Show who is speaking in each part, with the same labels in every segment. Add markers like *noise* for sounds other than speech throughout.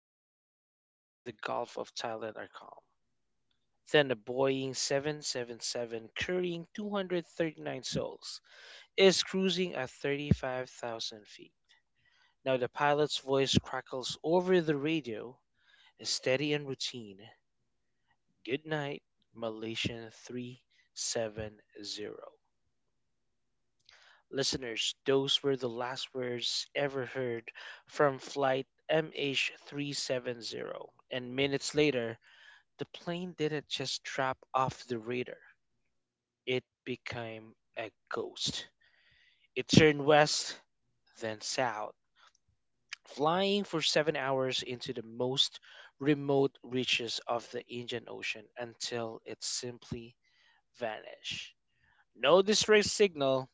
Speaker 1: the airwaves over the Gulf of Thailand are calm. Then a Boeing 777 carrying 239 souls is cruising at 35,000 feet. Now the pilot's voice crackles over the radio, steady and routine. Good night, Malaysian 370. Listeners, those were the last words ever heard from Flight MH370. And minutes later, the plane didn't just drop off the radar, it became a ghost. It turned west, then south, flying for 7 hours into the most remote reaches of the Indian Ocean until it simply vanished. No distress signal,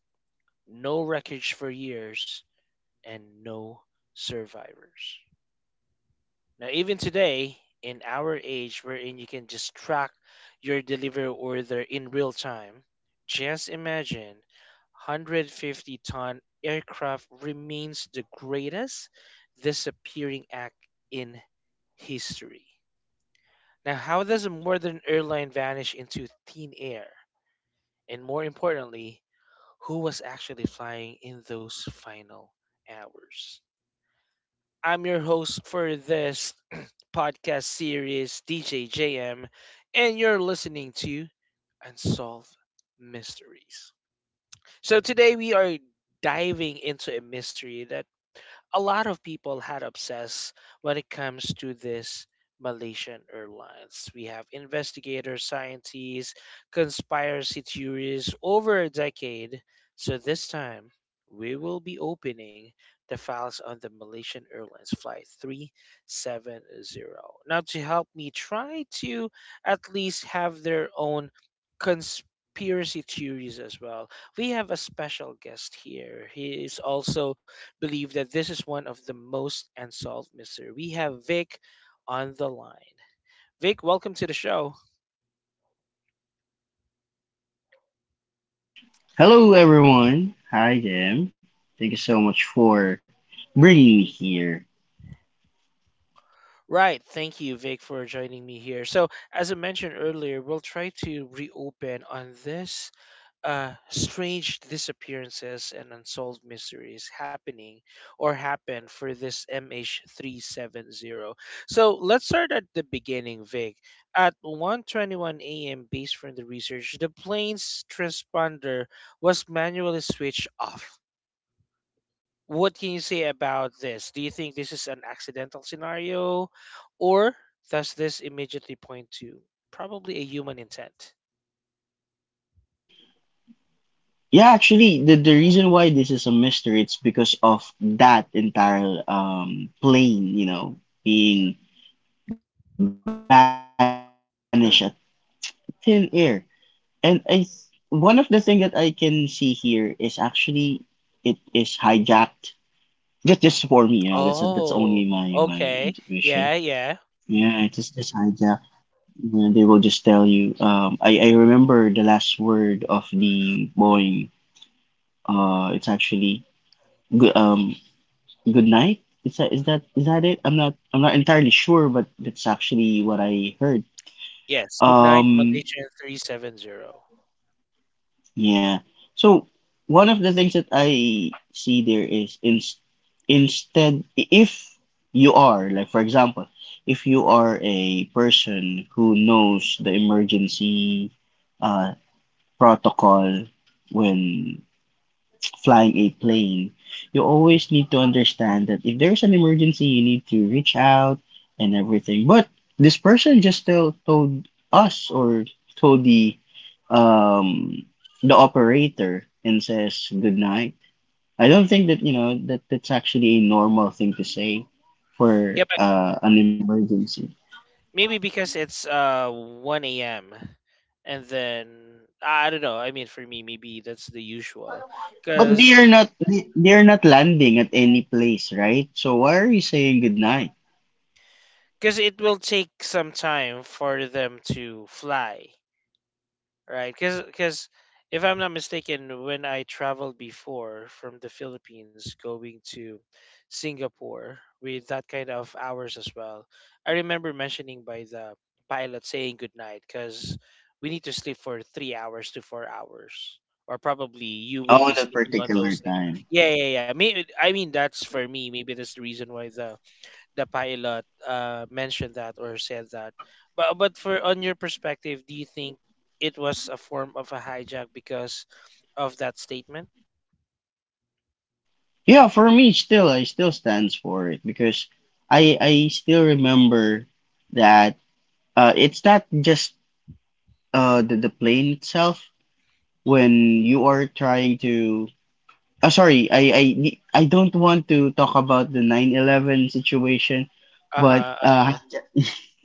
Speaker 1: no wreckage for years, and no survivors. Now, even today, in our age wherein you can just track your delivery order in real time, just imagine 150-ton aircraft remains the greatest disappearing act in history. Now, how does a modern airline vanish into thin air? And more importantly, who was actually flying in those final hours? I'm your host for this *clears throat* podcast series, DJ JM, and you're listening to Unsolved Mysteries. So today we are diving into a mystery that a lot of people had obsessed when it comes to this Malaysian Airlines. We have investigators, scientists, conspiracy theories over a decade. So this time, we will be opening the files on the Malaysian Airlines Flight 370. Now, to help me try to at least have their own conspiracy theories as well, we have a special guest here. He is also believe that this is one of the most unsolved mystery. We have Vic on the line. Vic, welcome to the show.
Speaker 2: Hello, everyone. Hi, Jim. Thank you so much for bringing me here.
Speaker 1: Right, thank you, Vic, for joining me here. So, as I mentioned earlier, we'll try to reopen on this strange disappearances and unsolved mysteries happening or happen for this MH370. So let's start at the beginning, Vic. At 1:21 a.m., based from the research, the plane's transponder was manually switched off. What can you say about this? Do you think this is an accidental scenario, or does this immediately point to probably a human intent?
Speaker 2: Yeah, actually, the reason why this is a mystery, it's because of that entire plane, you know, being banished at thin air. And one of the thing that I can see here is actually it is hijacked. Just for me, you know, that's only my
Speaker 1: Oh,
Speaker 2: intuition.
Speaker 1: okay.
Speaker 2: Yeah, it
Speaker 1: Yeah,
Speaker 2: is just
Speaker 1: yeah.
Speaker 2: hijacked. Mm, they will just tell you. I remember the last word of the Boeing. It's actually good. Good night. Is that it? I'm not entirely sure, but that's actually what I heard.
Speaker 1: Yes, Midnight
Speaker 2: Um,
Speaker 1: Malaysia 370.
Speaker 2: yeah. So one of the things that I see there instead, if you are, like, for example, if you are a person who knows the emergency uh, protocol when flying a plane, you always need to understand that if there's an emergency, you need to reach out and everything. But this person just told us, or told um the operator, and says good night. I don't think that you know that that's actually a normal thing to say
Speaker 1: Yeah,
Speaker 2: for
Speaker 1: but
Speaker 2: an emergency.
Speaker 1: maybe because it's 1 a.m. and then I don't know. I mean, for me, maybe that's the usual
Speaker 2: But they
Speaker 1: because
Speaker 2: are not, they are not landing at any place, right? So why are you saying good night?
Speaker 1: because it will take some time for them to fly. Right, because if I'm not mistaken, when I traveled before from the Philippines going to Singapore with that kind of hours as well, I remember mentioning by the pilot saying good night because we need to sleep for 3 hours to 4 hours, or probably you will
Speaker 2: Oh,
Speaker 1: be
Speaker 2: that
Speaker 1: sleeping on
Speaker 2: particular
Speaker 1: those things.
Speaker 2: time.
Speaker 1: Yeah, yeah, yeah. Maybe, I mean, that's for me. Maybe that's the reason why the pilot mentioned that or said that. But for on your perspective, do you think it was a form of a hijack because of that statement?
Speaker 2: Yeah, for me, still, I still stands for it because I still remember that it's not just the plane itself when you are trying to. Oh, sorry, I don't want to talk about the 9/11 situation,
Speaker 1: Uh
Speaker 2: but
Speaker 1: huh. Uh huh.
Speaker 2: *laughs*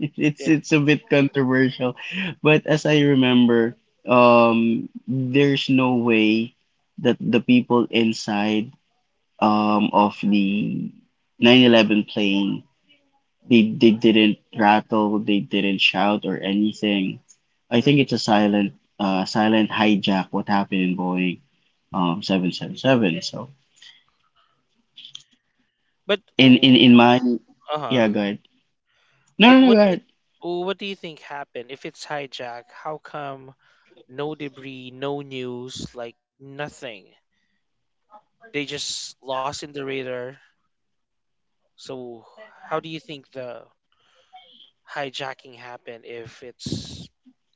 Speaker 2: it's
Speaker 1: Yeah.
Speaker 2: it's a bit controversial, but as I remember, there's no way that the people inside of the 9/11 plane, they didn't rattle, they didn't shout or anything. I think
Speaker 1: Hmm.
Speaker 2: it's a silent silent hijack. What happened in Boeing 777? So
Speaker 1: But
Speaker 2: in
Speaker 1: uh
Speaker 2: in in my,
Speaker 1: huh.
Speaker 2: yeah, go ahead. No, no,
Speaker 1: But
Speaker 2: no, go
Speaker 1: what do you
Speaker 2: ahead.
Speaker 1: what do you think happened if it's hijack? How come no debris, no news, like nothing? They just lost in the radar. So how do you think the hijacking happened if it's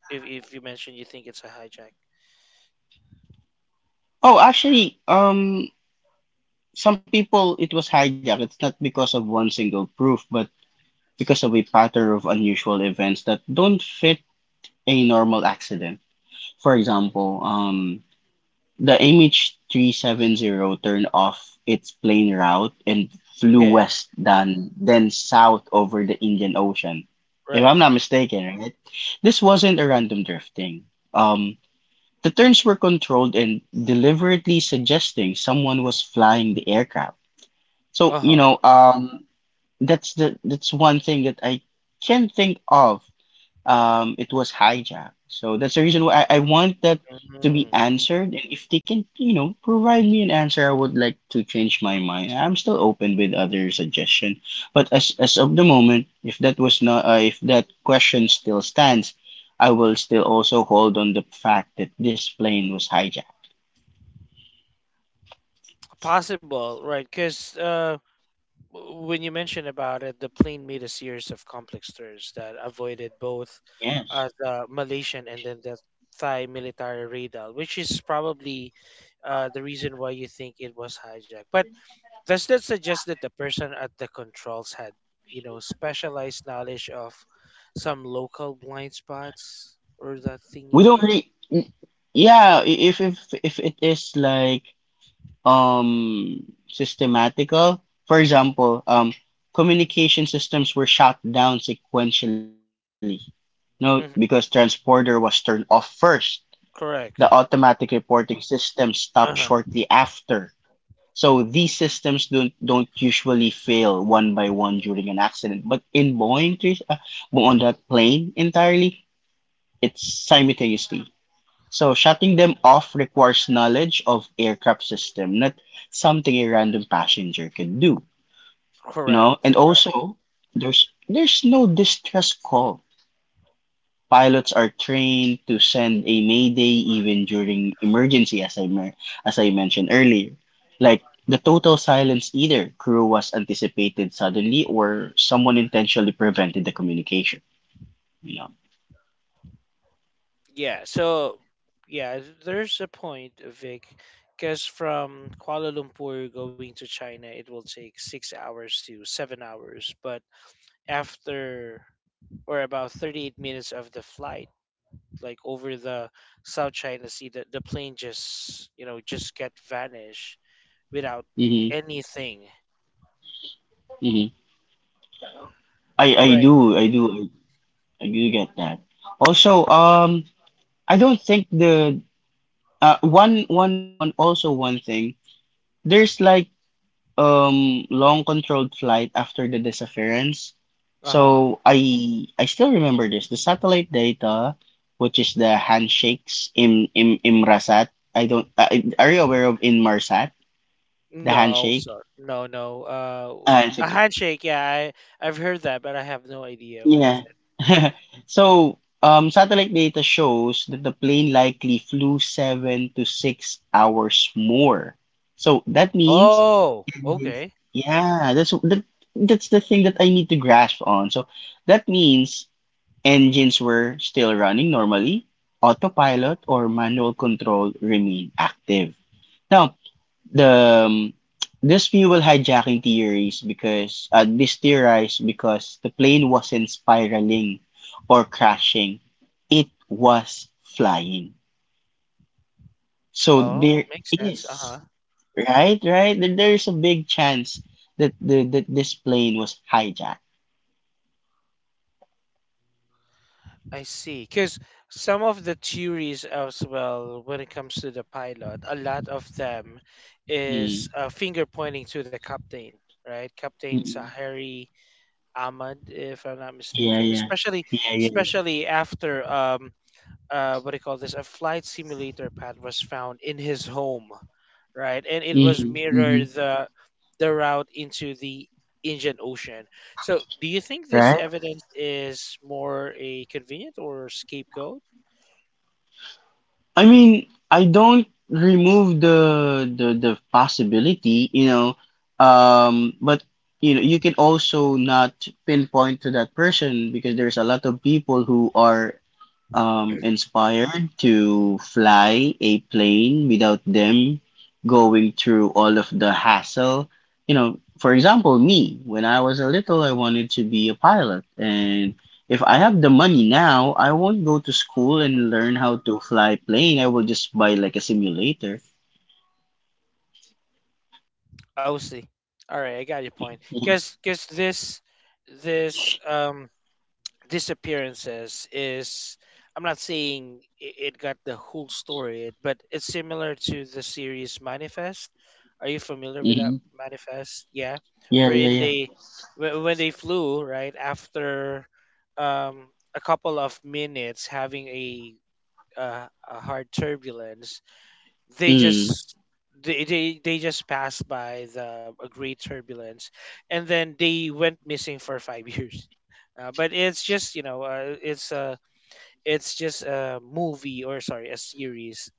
Speaker 1: If you mention you think it's a hijack.
Speaker 2: Oh, actually, some people it was hijacked. It's not because of one single proof, but because of a pattern of unusual events that don't fit a normal accident. For example, the MH370 turned off its plane route and flew
Speaker 1: Yeah,
Speaker 2: west, then south over the Indian Ocean. If
Speaker 1: right.
Speaker 2: I'm not mistaken, right? This wasn't a random drifting. Um, the turns were controlled and deliberately suggesting someone was flying the aircraft. So, you
Speaker 1: Uh-huh.
Speaker 2: know, that's the that's one thing that I can think of, it was hijacked. So that's the reason why I want that to be
Speaker 1: Mhm.
Speaker 2: answered. And if they can, you know, provide me an answer, I would like to change my mind. I'm still open with other suggestion, but as of the moment, if that was not, if that question still stands, I will still also hold on the fact that this plane was hijacked.
Speaker 1: Possible, right? Because when you mention about it, the plane made a series of complex turns that avoided both
Speaker 2: Yes,
Speaker 1: the Malaysian and then the Thai military radar, which is probably the reason why you think it was hijacked. But does that suggest that the person at the controls had, specialized knowledge of some local blind spots or that
Speaker 2: we
Speaker 1: thingy?
Speaker 2: don't really. Yeah, if if it is like systematical. For example, communication systems were shut down sequentially. No, because transporter was turned off first. The automatic
Speaker 1: Correct.
Speaker 2: reporting system stopped shortly
Speaker 1: Uh-huh.
Speaker 2: after. So these systems don't usually fail one by one during an accident, but in on that plane entirely, it's simultaneously. So shutting them off requires knowledge of aircraft system, not something a random passenger can do. You
Speaker 1: Correct.
Speaker 2: know, and
Speaker 1: Right.
Speaker 2: also there's no distress call. Pilots are trained to send a mayday even during emergency, as I mentioned earlier. Like, the total silence either crew was anticipated suddenly, or someone intentionally prevented the communication. You know.
Speaker 1: Yeah. So yeah, there's a point, Vic, because from Kuala Lumpur going to China, it will take 6 hours to 7 hours. But after or about 38 minutes of the flight, like over the South China Sea, the plane just just get vanish without
Speaker 2: Mm-hmm.
Speaker 1: anything.
Speaker 2: Mm-hmm. I I
Speaker 1: Right.
Speaker 2: do I do I do get that. Also, I don't think the one thing. There's like long controlled flight after the disappearance.
Speaker 1: Uh huh.
Speaker 2: So I still remember this. The satellite data, which is the handshakes in Imrasat. I don't Are you aware of Inmarsat? The
Speaker 1: No,
Speaker 2: handshake?
Speaker 1: sir. No, no.
Speaker 2: Ah, it's
Speaker 1: A
Speaker 2: okay.
Speaker 1: handshake. Yeah, I've heard that, but I have no idea what is
Speaker 2: Yeah.
Speaker 1: it.
Speaker 2: *laughs* So, satellite data shows that the plane likely flew 7 to 6 hours more. So that means
Speaker 1: Oh,
Speaker 2: tendency.
Speaker 1: okay.
Speaker 2: Yeah, that's the thing that I need to grasp on. So that means engines were still running normally, autopilot or manual control remained active. Now, the this fuel hijacking theories because this theorized because the plane wasn't spiraling or crashing, it was flying. So there
Speaker 1: Oh, makes sense.
Speaker 2: is.
Speaker 1: Uh-huh.
Speaker 2: Right, right. There's a big chance that this plane was hijacked.
Speaker 1: I see. Because some of the theories as well, when it comes to the pilot, a lot of them is
Speaker 2: Mm,
Speaker 1: finger pointing to the captain, right? Captain
Speaker 2: mm,
Speaker 1: Sahari Ahmad, if I'm not
Speaker 2: yeah,
Speaker 1: mistaken.
Speaker 2: yeah,
Speaker 1: Especially,
Speaker 2: yeah, yeah.
Speaker 1: especially after what do you call this? A flight simulator pad was found in his home right? And it was
Speaker 2: Mm, mm,
Speaker 1: mirrored the route into the Indian Ocean. So, do you think this
Speaker 2: right.
Speaker 1: evidence is more a convenient or scapegoat?
Speaker 2: I mean, I don't remove the possibility, you know. But, you know, you can also not pinpoint to that person because there's a lot of people who are inspired to fly a plane without them going through all of the hassle. You know, for example, me, when I was a little, I wanted to be a pilot. And if I have the money now, I won't go to school and
Speaker 1: Mm-hmm.
Speaker 2: learn how to fly plane. I will just buy like a simulator.
Speaker 1: OC. All right, I got your point. Because this this disappearances is I'm not saying it got the whole story, but it's similar to the series Manifest. Are you familiar with that
Speaker 2: Hmm.
Speaker 1: Manifest? Yeah,
Speaker 2: Yeah,
Speaker 1: wherein
Speaker 2: yeah, yeah.
Speaker 1: when they flew right after um, a couple of minutes having a hard turbulence, they
Speaker 2: Mm.
Speaker 1: just they just passed by the a great turbulence and then they went missing for five *laughs* years but it's just it's just a movie or sorry a series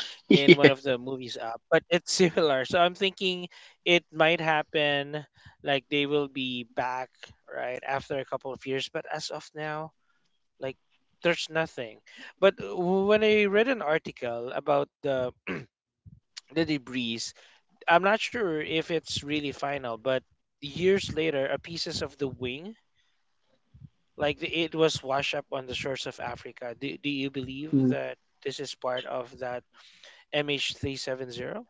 Speaker 1: *laughs* in one
Speaker 2: *laughs*
Speaker 1: of the movies up but it's *laughs* similar so I'm thinking it might happen like they will be back right after a couple of years but as of now like there's nothing but when I read an article about the debris I'm not sure if it's really final, but years later, a pieces of the wing, it was washed up on the shores of Africa. Do you believe
Speaker 2: Mm.
Speaker 1: that this is part of that MH370?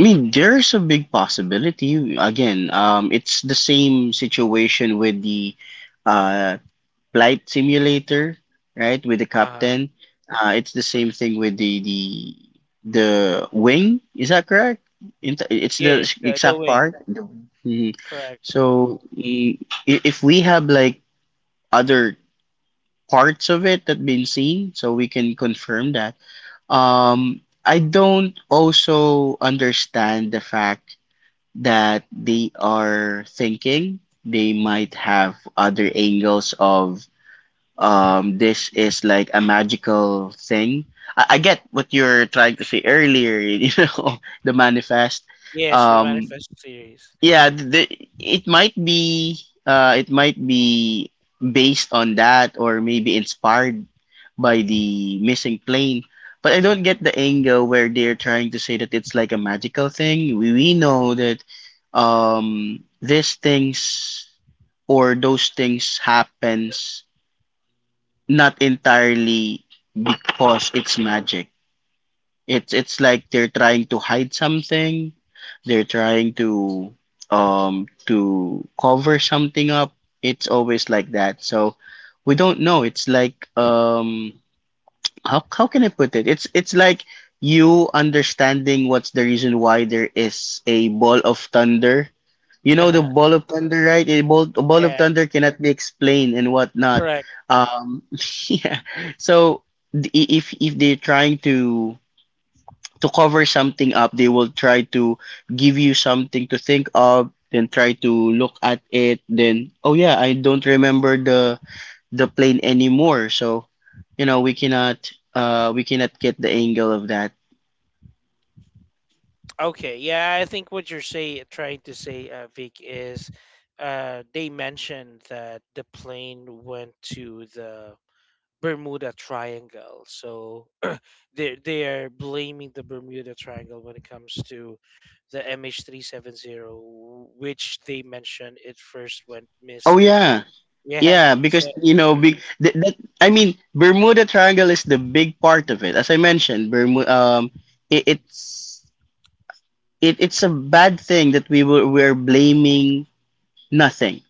Speaker 2: I mean, there's a big possibility. Again, it's the same situation with the uh, Flight Simulator, right, with the
Speaker 1: Uh huh.
Speaker 2: captain. It's the same thing with the wing. Is that correct? It's the
Speaker 1: Yeah, the
Speaker 2: exact
Speaker 1: wing.
Speaker 2: part. Mhm.
Speaker 1: Correct.
Speaker 2: So if we have like other parts of it that been seen, so we can confirm that. Um, I don't also understand the fact that they are thinking they might have other angles of, this is like a magical thing. I get what you're trying to say earlier, *laughs* you know, the manifest.
Speaker 1: Yes, the
Speaker 2: um
Speaker 1: manifest series.
Speaker 2: yeah the, it might be, it might be based on that, or maybe inspired by the missing plane, but I don't get the angle where they're trying to say that it's like a magical thing. We know that these things, or those things, happens, not entirely because it's magic. It's like they're trying to hide something. They're trying to cover something up. It's always like that. So we don't know. It's like, how can I put it? It's like you understanding what's the reason why there is a ball of thunder. You
Speaker 1: Uh
Speaker 2: know the
Speaker 1: huh.
Speaker 2: ball of thunder, right? A ball of
Speaker 1: Yeah,
Speaker 2: thunder cannot be explained and whatnot.
Speaker 1: correct.
Speaker 2: Um, *laughs* yeah. So if they're trying to cover something up, they will try to give you something to think of, then try to look at it. Then, oh yeah, I don't remember the plane anymore. So, you know, we cannot get the angle of that.
Speaker 1: Okay. Yeah, I think what you're say trying to say, Vic, is they mentioned that the plane went to the Bermuda Triangle. So *clears throat* they are blaming the Bermuda Triangle when it comes to the MH370, which they mentioned it first went
Speaker 2: Oh
Speaker 1: missing.
Speaker 2: yeah.
Speaker 1: Yeah,
Speaker 2: Yeah, because
Speaker 1: so
Speaker 2: you know, big that, I mean, Bermuda Triangle is the big part of it. As I mentioned, it's, it's a bad thing that we were we're blaming nothing,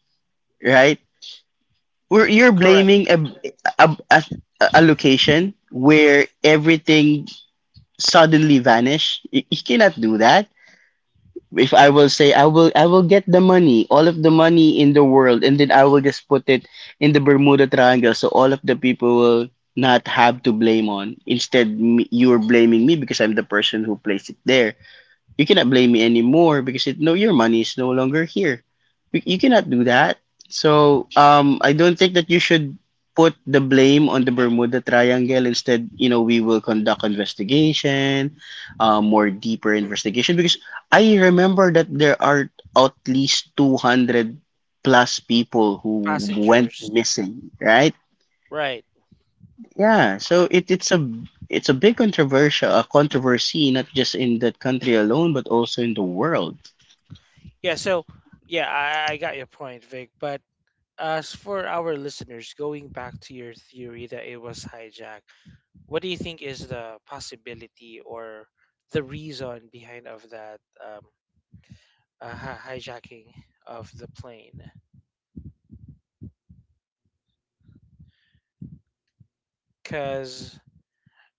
Speaker 2: right? We're You're
Speaker 1: correct
Speaker 2: blaming a, a, a, a location where everything suddenly vanish. You cannot do that. If I will say, I will get the money, all of the money in the world, and then I will just put it in the Bermuda Triangle, so all of the people will not have to blame on. Instead, you are blaming me because I'm the person who placed it there. You cannot blame me anymore because no, your money is no longer here. You cannot do that. So I don't think that you should put the blame on the Bermuda Triangle. Instead, you know, we will conduct investigation, more deeper investigation because I remember that there are at least 200 plus people who went
Speaker 1: passengers.
Speaker 2: missing, right?
Speaker 1: Right.
Speaker 2: Yeah, so it's a, it's a big controversial a controversy, not just in that country alone but also in the world.
Speaker 1: Yeah. So yeah, I got your point, Vic. But as for our listeners, going back to your theory that it was hijacked, what do you think is the possibility or the reason behind of that? Hijacking of the plane because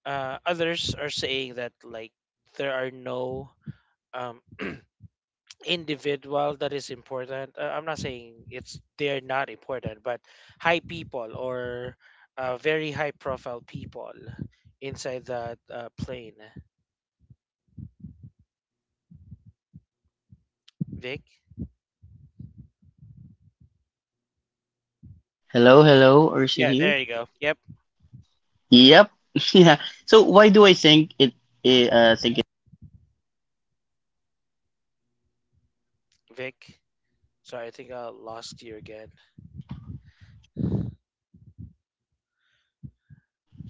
Speaker 1: others are saying that like there are no um, *tsk* individual that is important I'm not saying it's they're not important but high people or very high profile people inside that plane. Vic.
Speaker 2: Hello, hello, are you still
Speaker 1: Yeah,
Speaker 2: here?
Speaker 1: there you go. Yep.
Speaker 2: Yep. *laughs* Yeah. So why do I think it? Think it.
Speaker 1: Vic, sorry, I think I lost you again.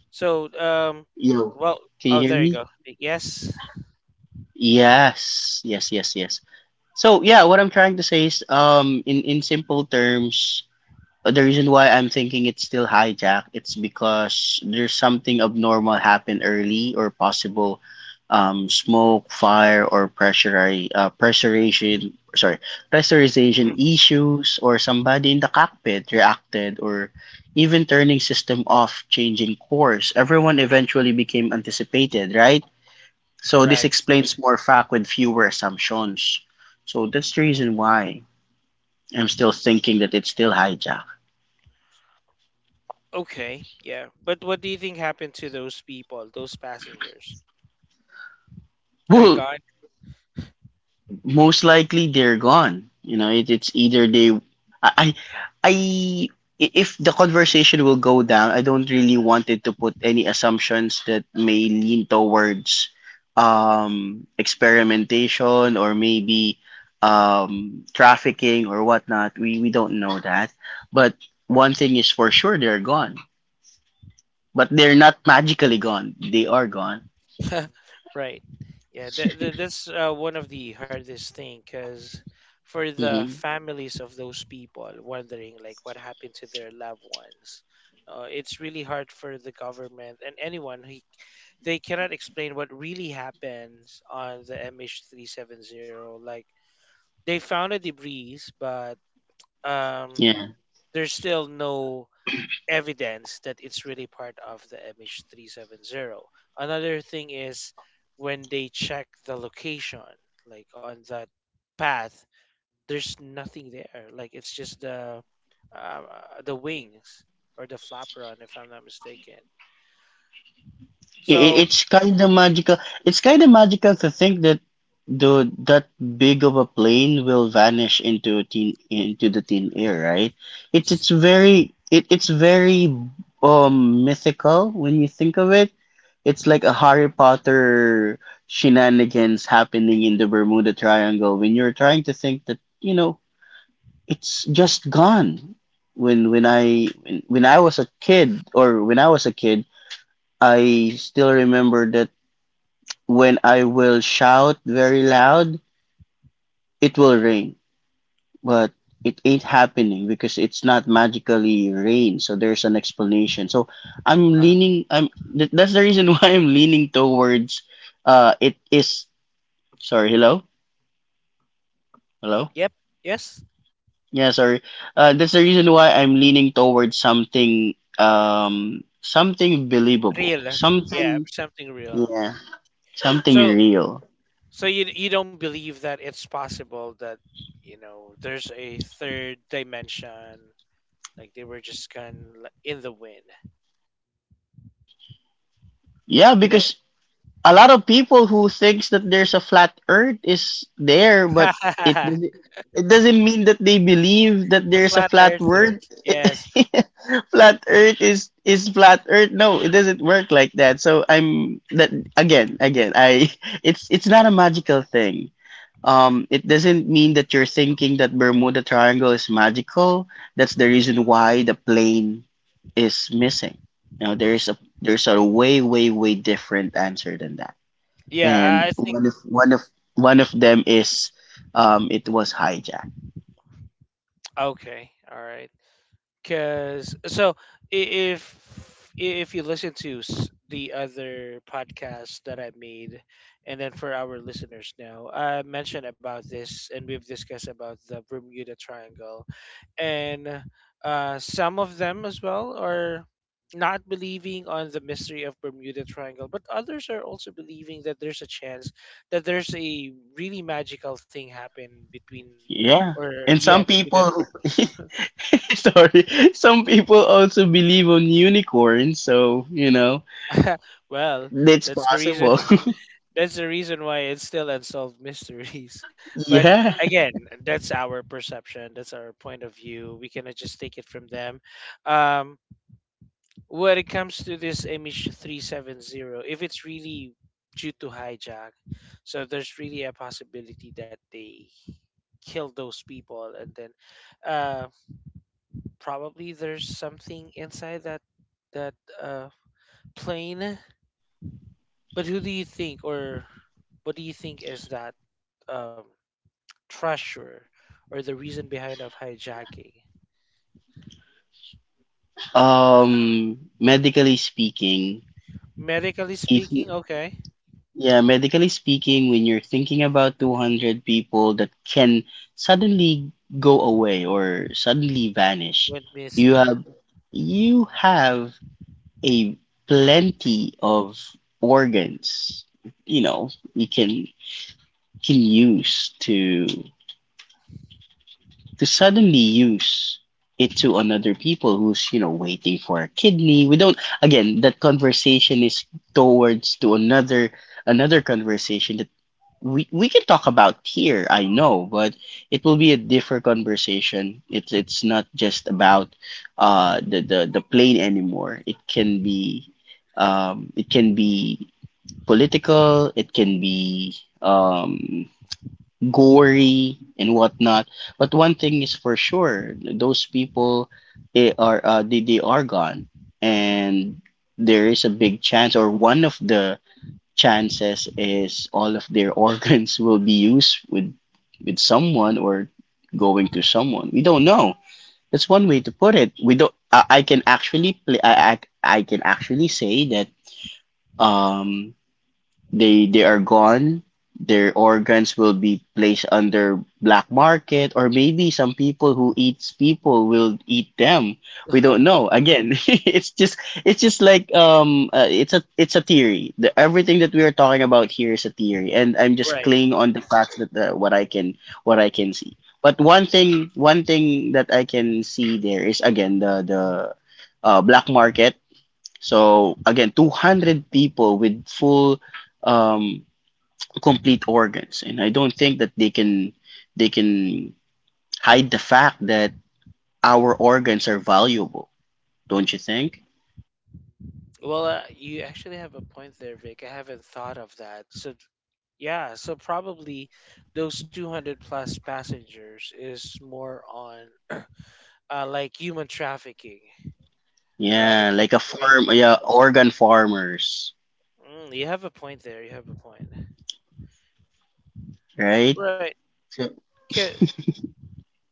Speaker 1: So
Speaker 2: Yo,
Speaker 1: well,
Speaker 2: can
Speaker 1: oh,
Speaker 2: you hear
Speaker 1: there you
Speaker 2: me?
Speaker 1: go. Yes.
Speaker 2: Yes, yes, yes, yes. So yeah, what I'm trying to say is, in simple terms, the reason why I'm thinking it's still hijacked, it's because there's something abnormal happen early, or possible smoke, fire, or pressurization issues, or somebody in the cockpit reacted, or even turning system off, changing course. Everyone eventually became anticipated, right? So this
Speaker 1: Correct.
Speaker 2: explains more fact with fewer assumptions. So that's the reason why I'm still thinking that it's still hijacked.
Speaker 1: Okay, yeah. But what do you think happened to those people, those passengers? They're
Speaker 2: Well,
Speaker 1: gone.
Speaker 2: most likely they're gone. You know, it's either they, I, I, I- if the conversation will go down, I don't really want it to put any assumptions that may lean towards experimentation, or maybe trafficking, or whatnot. We don't know that, but one thing is for sure, they're gone. But they're not magically gone. They are gone.
Speaker 1: *laughs* Right. Yeah, that's one of the hardest thing because for
Speaker 2: *laughs*
Speaker 1: the
Speaker 2: Hmm.
Speaker 1: families of those people wondering like what happened to their loved ones, it's really hard for the government and anyone who they cannot explain what really happens on the MH370. Like they found a debris, but um, there's still no evidence that it's really part of the MH370. Another thing is when they check the location, like on that path, there's nothing there. Like it's just the wings or the flap if I'm not mistaken. So,
Speaker 2: It's kind of magical. It's kind of magical to think that the that big of a plane will vanish into the thin air, right? It's very mythical when you think of it. It's like a Harry Potter shenanigans happening in the Bermuda Triangle when you're trying to think that it's just gone. When I was a kid or when I was a kid, I still remember that when I will shout very loud, it will rain. But it ain't happening because it's not magically rain. So there's an explanation. So I'm
Speaker 1: uh,
Speaker 2: leaning. That's the reason *laughs* why I'm leaning towards. It is. Sorry. Hello. Hello.
Speaker 1: yep, yes,
Speaker 2: Yeah. Sorry. That's the reason why I'm leaning towards something. Something believable.
Speaker 1: real, yeah,
Speaker 2: Something.
Speaker 1: something real.
Speaker 2: Yeah. Something
Speaker 1: So,
Speaker 2: real.
Speaker 1: so you don't believe that it's possible that there's a third dimension. Like they were just kind of in the wind.
Speaker 2: Yeah,
Speaker 1: You know,
Speaker 2: because a lot of people who thinks that there's a flat earth is there,
Speaker 1: *laughs*
Speaker 2: but it
Speaker 1: the
Speaker 2: doesn't it doesn't mean that they believe that there's a
Speaker 1: flat
Speaker 2: flat world.
Speaker 1: earthers. Yes.
Speaker 2: *laughs* Flat earth is flat earth. No, it doesn't work like that. So I'm that. Again again i *laughs* it's not a magical thing. It doesn't mean that you're thinking that Bermuda Triangle is magical. That's the reason why the plane is missing. You know, there's a way different answer than that.
Speaker 1: Yeah,
Speaker 2: And
Speaker 1: I think.
Speaker 2: one of them is, it was hijacked.
Speaker 1: Okay. All right. Cause so if you listen to the other podcast that I made, and then for our listeners now, I mentioned about this, and we've discussed about the Bermuda Triangle, and some of them as well are not believing on the mystery of Bermuda Triangle, but others are also believing that there's a chance that there's a really magical thing happen between,
Speaker 2: Yeah.
Speaker 1: or
Speaker 2: And
Speaker 1: yeah,
Speaker 2: some
Speaker 1: between that.
Speaker 2: people *laughs* sorry, some people also believe on unicorns, so you know,
Speaker 1: *laughs* Well,
Speaker 2: that's
Speaker 1: that's the reason.
Speaker 2: possible.
Speaker 1: That's the reason why it's still unsolved mysteries. *laughs*
Speaker 2: *laughs*
Speaker 1: But
Speaker 2: Yeah.
Speaker 1: again, that's our perception. That's our point of view. We cannot just take it from them. Um, when it comes to this image 370, if it's really due to hijack, so there's really a possibility that they kill those people, and then uh, probably there's something inside that uh, plane. But who do you think, or what do you think is that um, treasure or the reason behind of hijacking?
Speaker 2: Medically speaking,
Speaker 1: Medically
Speaker 2: if you-
Speaker 1: speaking, okay,
Speaker 2: yeah, medically speaking, when you're thinking about 200 people that can suddenly go away or suddenly vanish,
Speaker 1: went
Speaker 2: you
Speaker 1: missing.
Speaker 2: have you have a plenty of organs, you know. You can use to suddenly use it to another people who's, you know, waiting for a kidney. We don't. Again, that conversation is towards to another, conversation that we can talk about here, I know, but it will be a different conversation. It's not just about the plane anymore. It can be, it can be political, it can be, um gory and whatnot. But one thing is for sure, those people, they are, they are gone, and there is a big chance, or one of the chances is, all of their *laughs* organs will be used with someone, or going to someone. We don't know. That's one way to put it. We don't. I can actually play. I can actually say that, um they are gone. Their organs will be placed under black market, or maybe some people who eats people will eat them. We don't
Speaker 1: *laughs*
Speaker 2: know. Again, *laughs* it's just like, it's a, theory. Everything that we are talking about here is a theory, and I'm just
Speaker 1: Right.
Speaker 2: clinging on the facts that, what I can see. But one thing that I can see there is, again, the black market. So again, 200 people with full, um, complete organs, and I don't think that they can they can hide the fact that our organs are valuable, don't you think?
Speaker 1: Well, you actually have a point there, Vic. I haven't thought of that. So, yeah, so probably those 200 plus passengers is more on like human trafficking, right?
Speaker 2: Yeah, like a
Speaker 1: I mean,
Speaker 2: farm, yeah, organ farmers,
Speaker 1: you have a point there. You have a point.
Speaker 2: right?
Speaker 1: Right.
Speaker 2: So,
Speaker 1: 'Kay,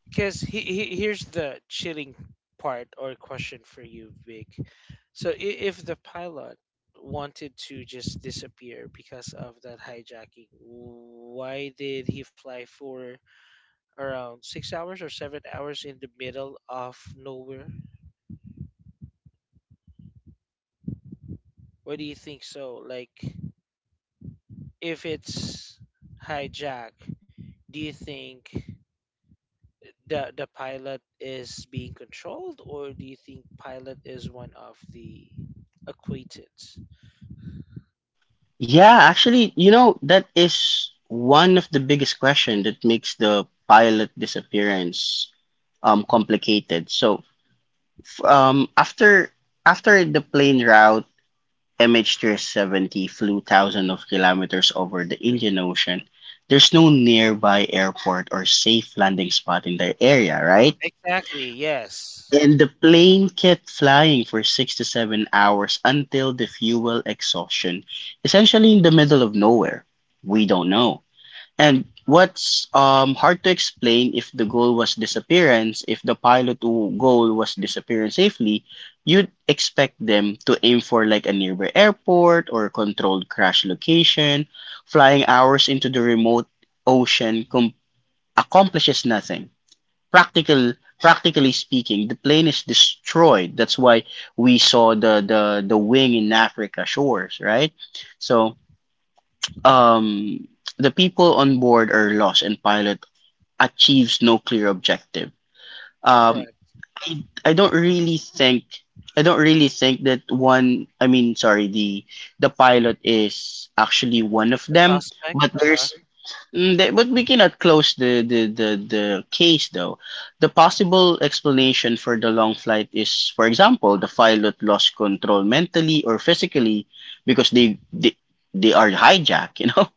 Speaker 1: because he here's the chilling part or question for you, Vic. So if the pilot wanted to just disappear because of that hijacking, why did he fly for around 6 hours or 7 hours in the middle of nowhere? Why do you think so? Like if it's hijack, do you think the pilot is being controlled, or do you think pilot is one of the acquaintance?
Speaker 2: yeah, actually, you know, that is one of the biggest question that makes the pilot disappearance complicated. So, after the plane route MH370 flew thousands of kilometers over the Indian Ocean. There's no nearby airport or safe landing spot in the area, right?
Speaker 1: Exactly. Yes.
Speaker 2: And the plane kept flying for 6 to 7 hours until the fuel exhaustion, essentially in the middle of nowhere. We don't know. And what's, hard to explain, if the goal was disappearance, if the goal was disappearance safely, you'd expect them to aim for like a nearby airport or controlled crash location. Flying hours into the remote ocean com- accomplishes nothing. Practical, practically speaking, the plane is destroyed. That's why we saw the wing in Africa shores, right? So, um, the people on board are lost, and pilot achieves no clear objective. Um,
Speaker 1: Correct.
Speaker 2: I don't really think. I don't really think that one. I mean, sorry, the pilot is actually one of
Speaker 1: The
Speaker 2: them,
Speaker 1: suspect.
Speaker 2: but
Speaker 1: Uh
Speaker 2: there's, but we cannot close the case though. The possible explanation for the long flight is, for example, the pilot lost control mentally or physically because they are hijacked, you know. *laughs*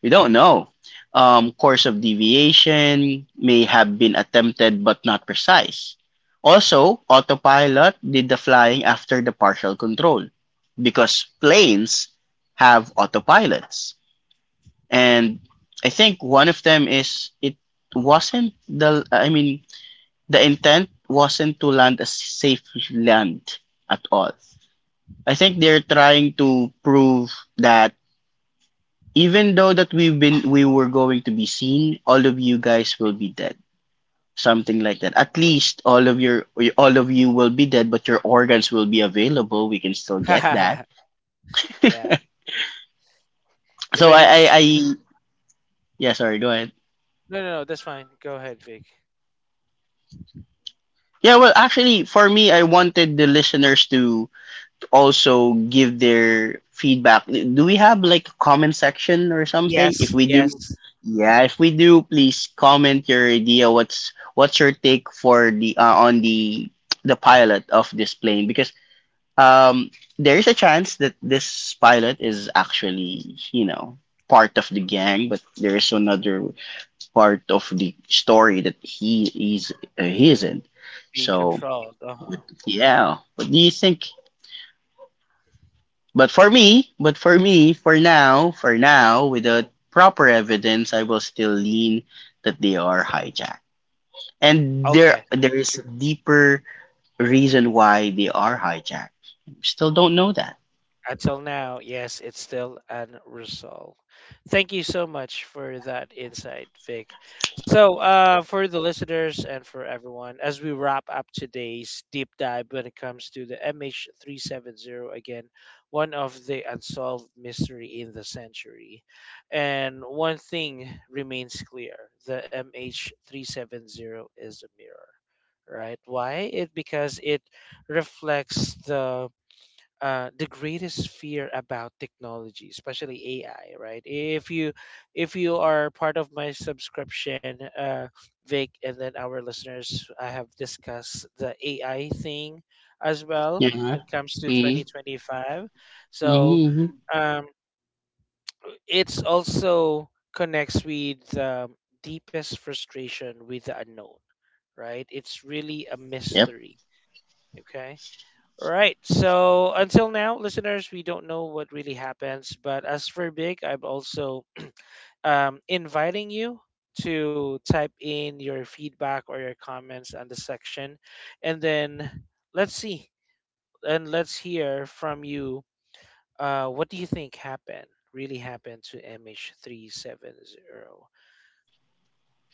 Speaker 2: We don't know. Course of deviation may have been attempted but not precise. Also, autopilot did the flying after the partial control, because planes have autopilots. And I think one of them is, it wasn't the, I mean, the intent wasn't to land a safe land at all. I think they're trying to prove that, even though that we were going to be seen, all of you guys will be dead. Something like that. At least all of you will be dead, but your organs will be available. We can still get that.
Speaker 1: huh. *laughs* Yeah. Yeah, but it's
Speaker 2: I, yeah, sorry, go ahead.
Speaker 1: no, no, no. That's fine. Go ahead, Vic.
Speaker 2: Yeah, well actually, for me, I wanted the listeners to also give their feedback. Do we have like a comment section or something? If
Speaker 1: Yes.
Speaker 2: we do,
Speaker 1: Yes.
Speaker 2: yeah, if we do, please comment your idea. What's your take for the, on the the pilot of this plane? Because, um, there is a chance that this pilot is actually, you know, part of the gang, but there is another part of the story that he is, he isn't.
Speaker 1: Being
Speaker 2: So
Speaker 1: controlled. Uh huh.
Speaker 2: yeah, what do you think? But for me, for now, without proper evidence, I will still lean that they are hijacked. And
Speaker 1: Okay.
Speaker 2: there is a deeper reason why they are hijacked. Still don't know that.
Speaker 1: Until now, yes, it's still unresolved. Thank you so much for that insight, Vic. So, for the listeners and for everyone, as we wrap up today's deep dive when it comes to the MH370, again, one of the unsolved mystery in the century. And one thing remains clear the MH370 is a mirror, right? Why? It because it reflects the greatest fear about technology, especially AI, right? If you are part of my subscription, Vic, and then our listeners, I have discussed the AI thing as well.
Speaker 2: Yeah.
Speaker 1: When it comes to
Speaker 2: Hmm.
Speaker 1: 2025, so
Speaker 2: Hmm.
Speaker 1: um, it's also connects with the deepest frustration with the unknown, right? It's really a
Speaker 2: Yep.
Speaker 1: mystery. Okay. Right. So until now, listeners, we don't know what really happens. But as for Big, I'm also *clears throat* inviting you to type in your feedback or your comments on the section. And then let's see and let's hear from you. What do you think happened? Really happened to MH370.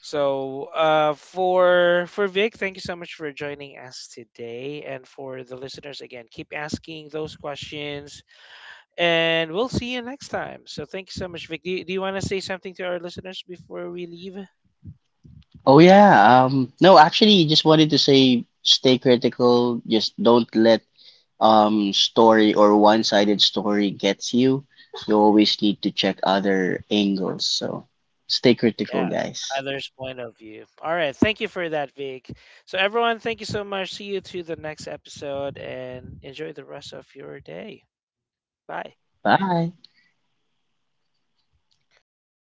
Speaker 1: So for Vic, thank you so much for joining us today, and for the listeners again, keep asking those questions. And we'll see you next time. So thank you so much, Vic. Do you want to say something to our listeners before we leave?
Speaker 2: Oh yeah. No, actually, just wanted to say, stay critical. Just don't let story or one-sided story gets you, you always need to check other angles. So stay critical,
Speaker 1: Yeah,
Speaker 2: guys.
Speaker 1: others' point of view. All right. Thank you for that, Vic. So, everyone, thank you so much. See you to the next episode and enjoy the rest of your day. Bye.
Speaker 2: Bye.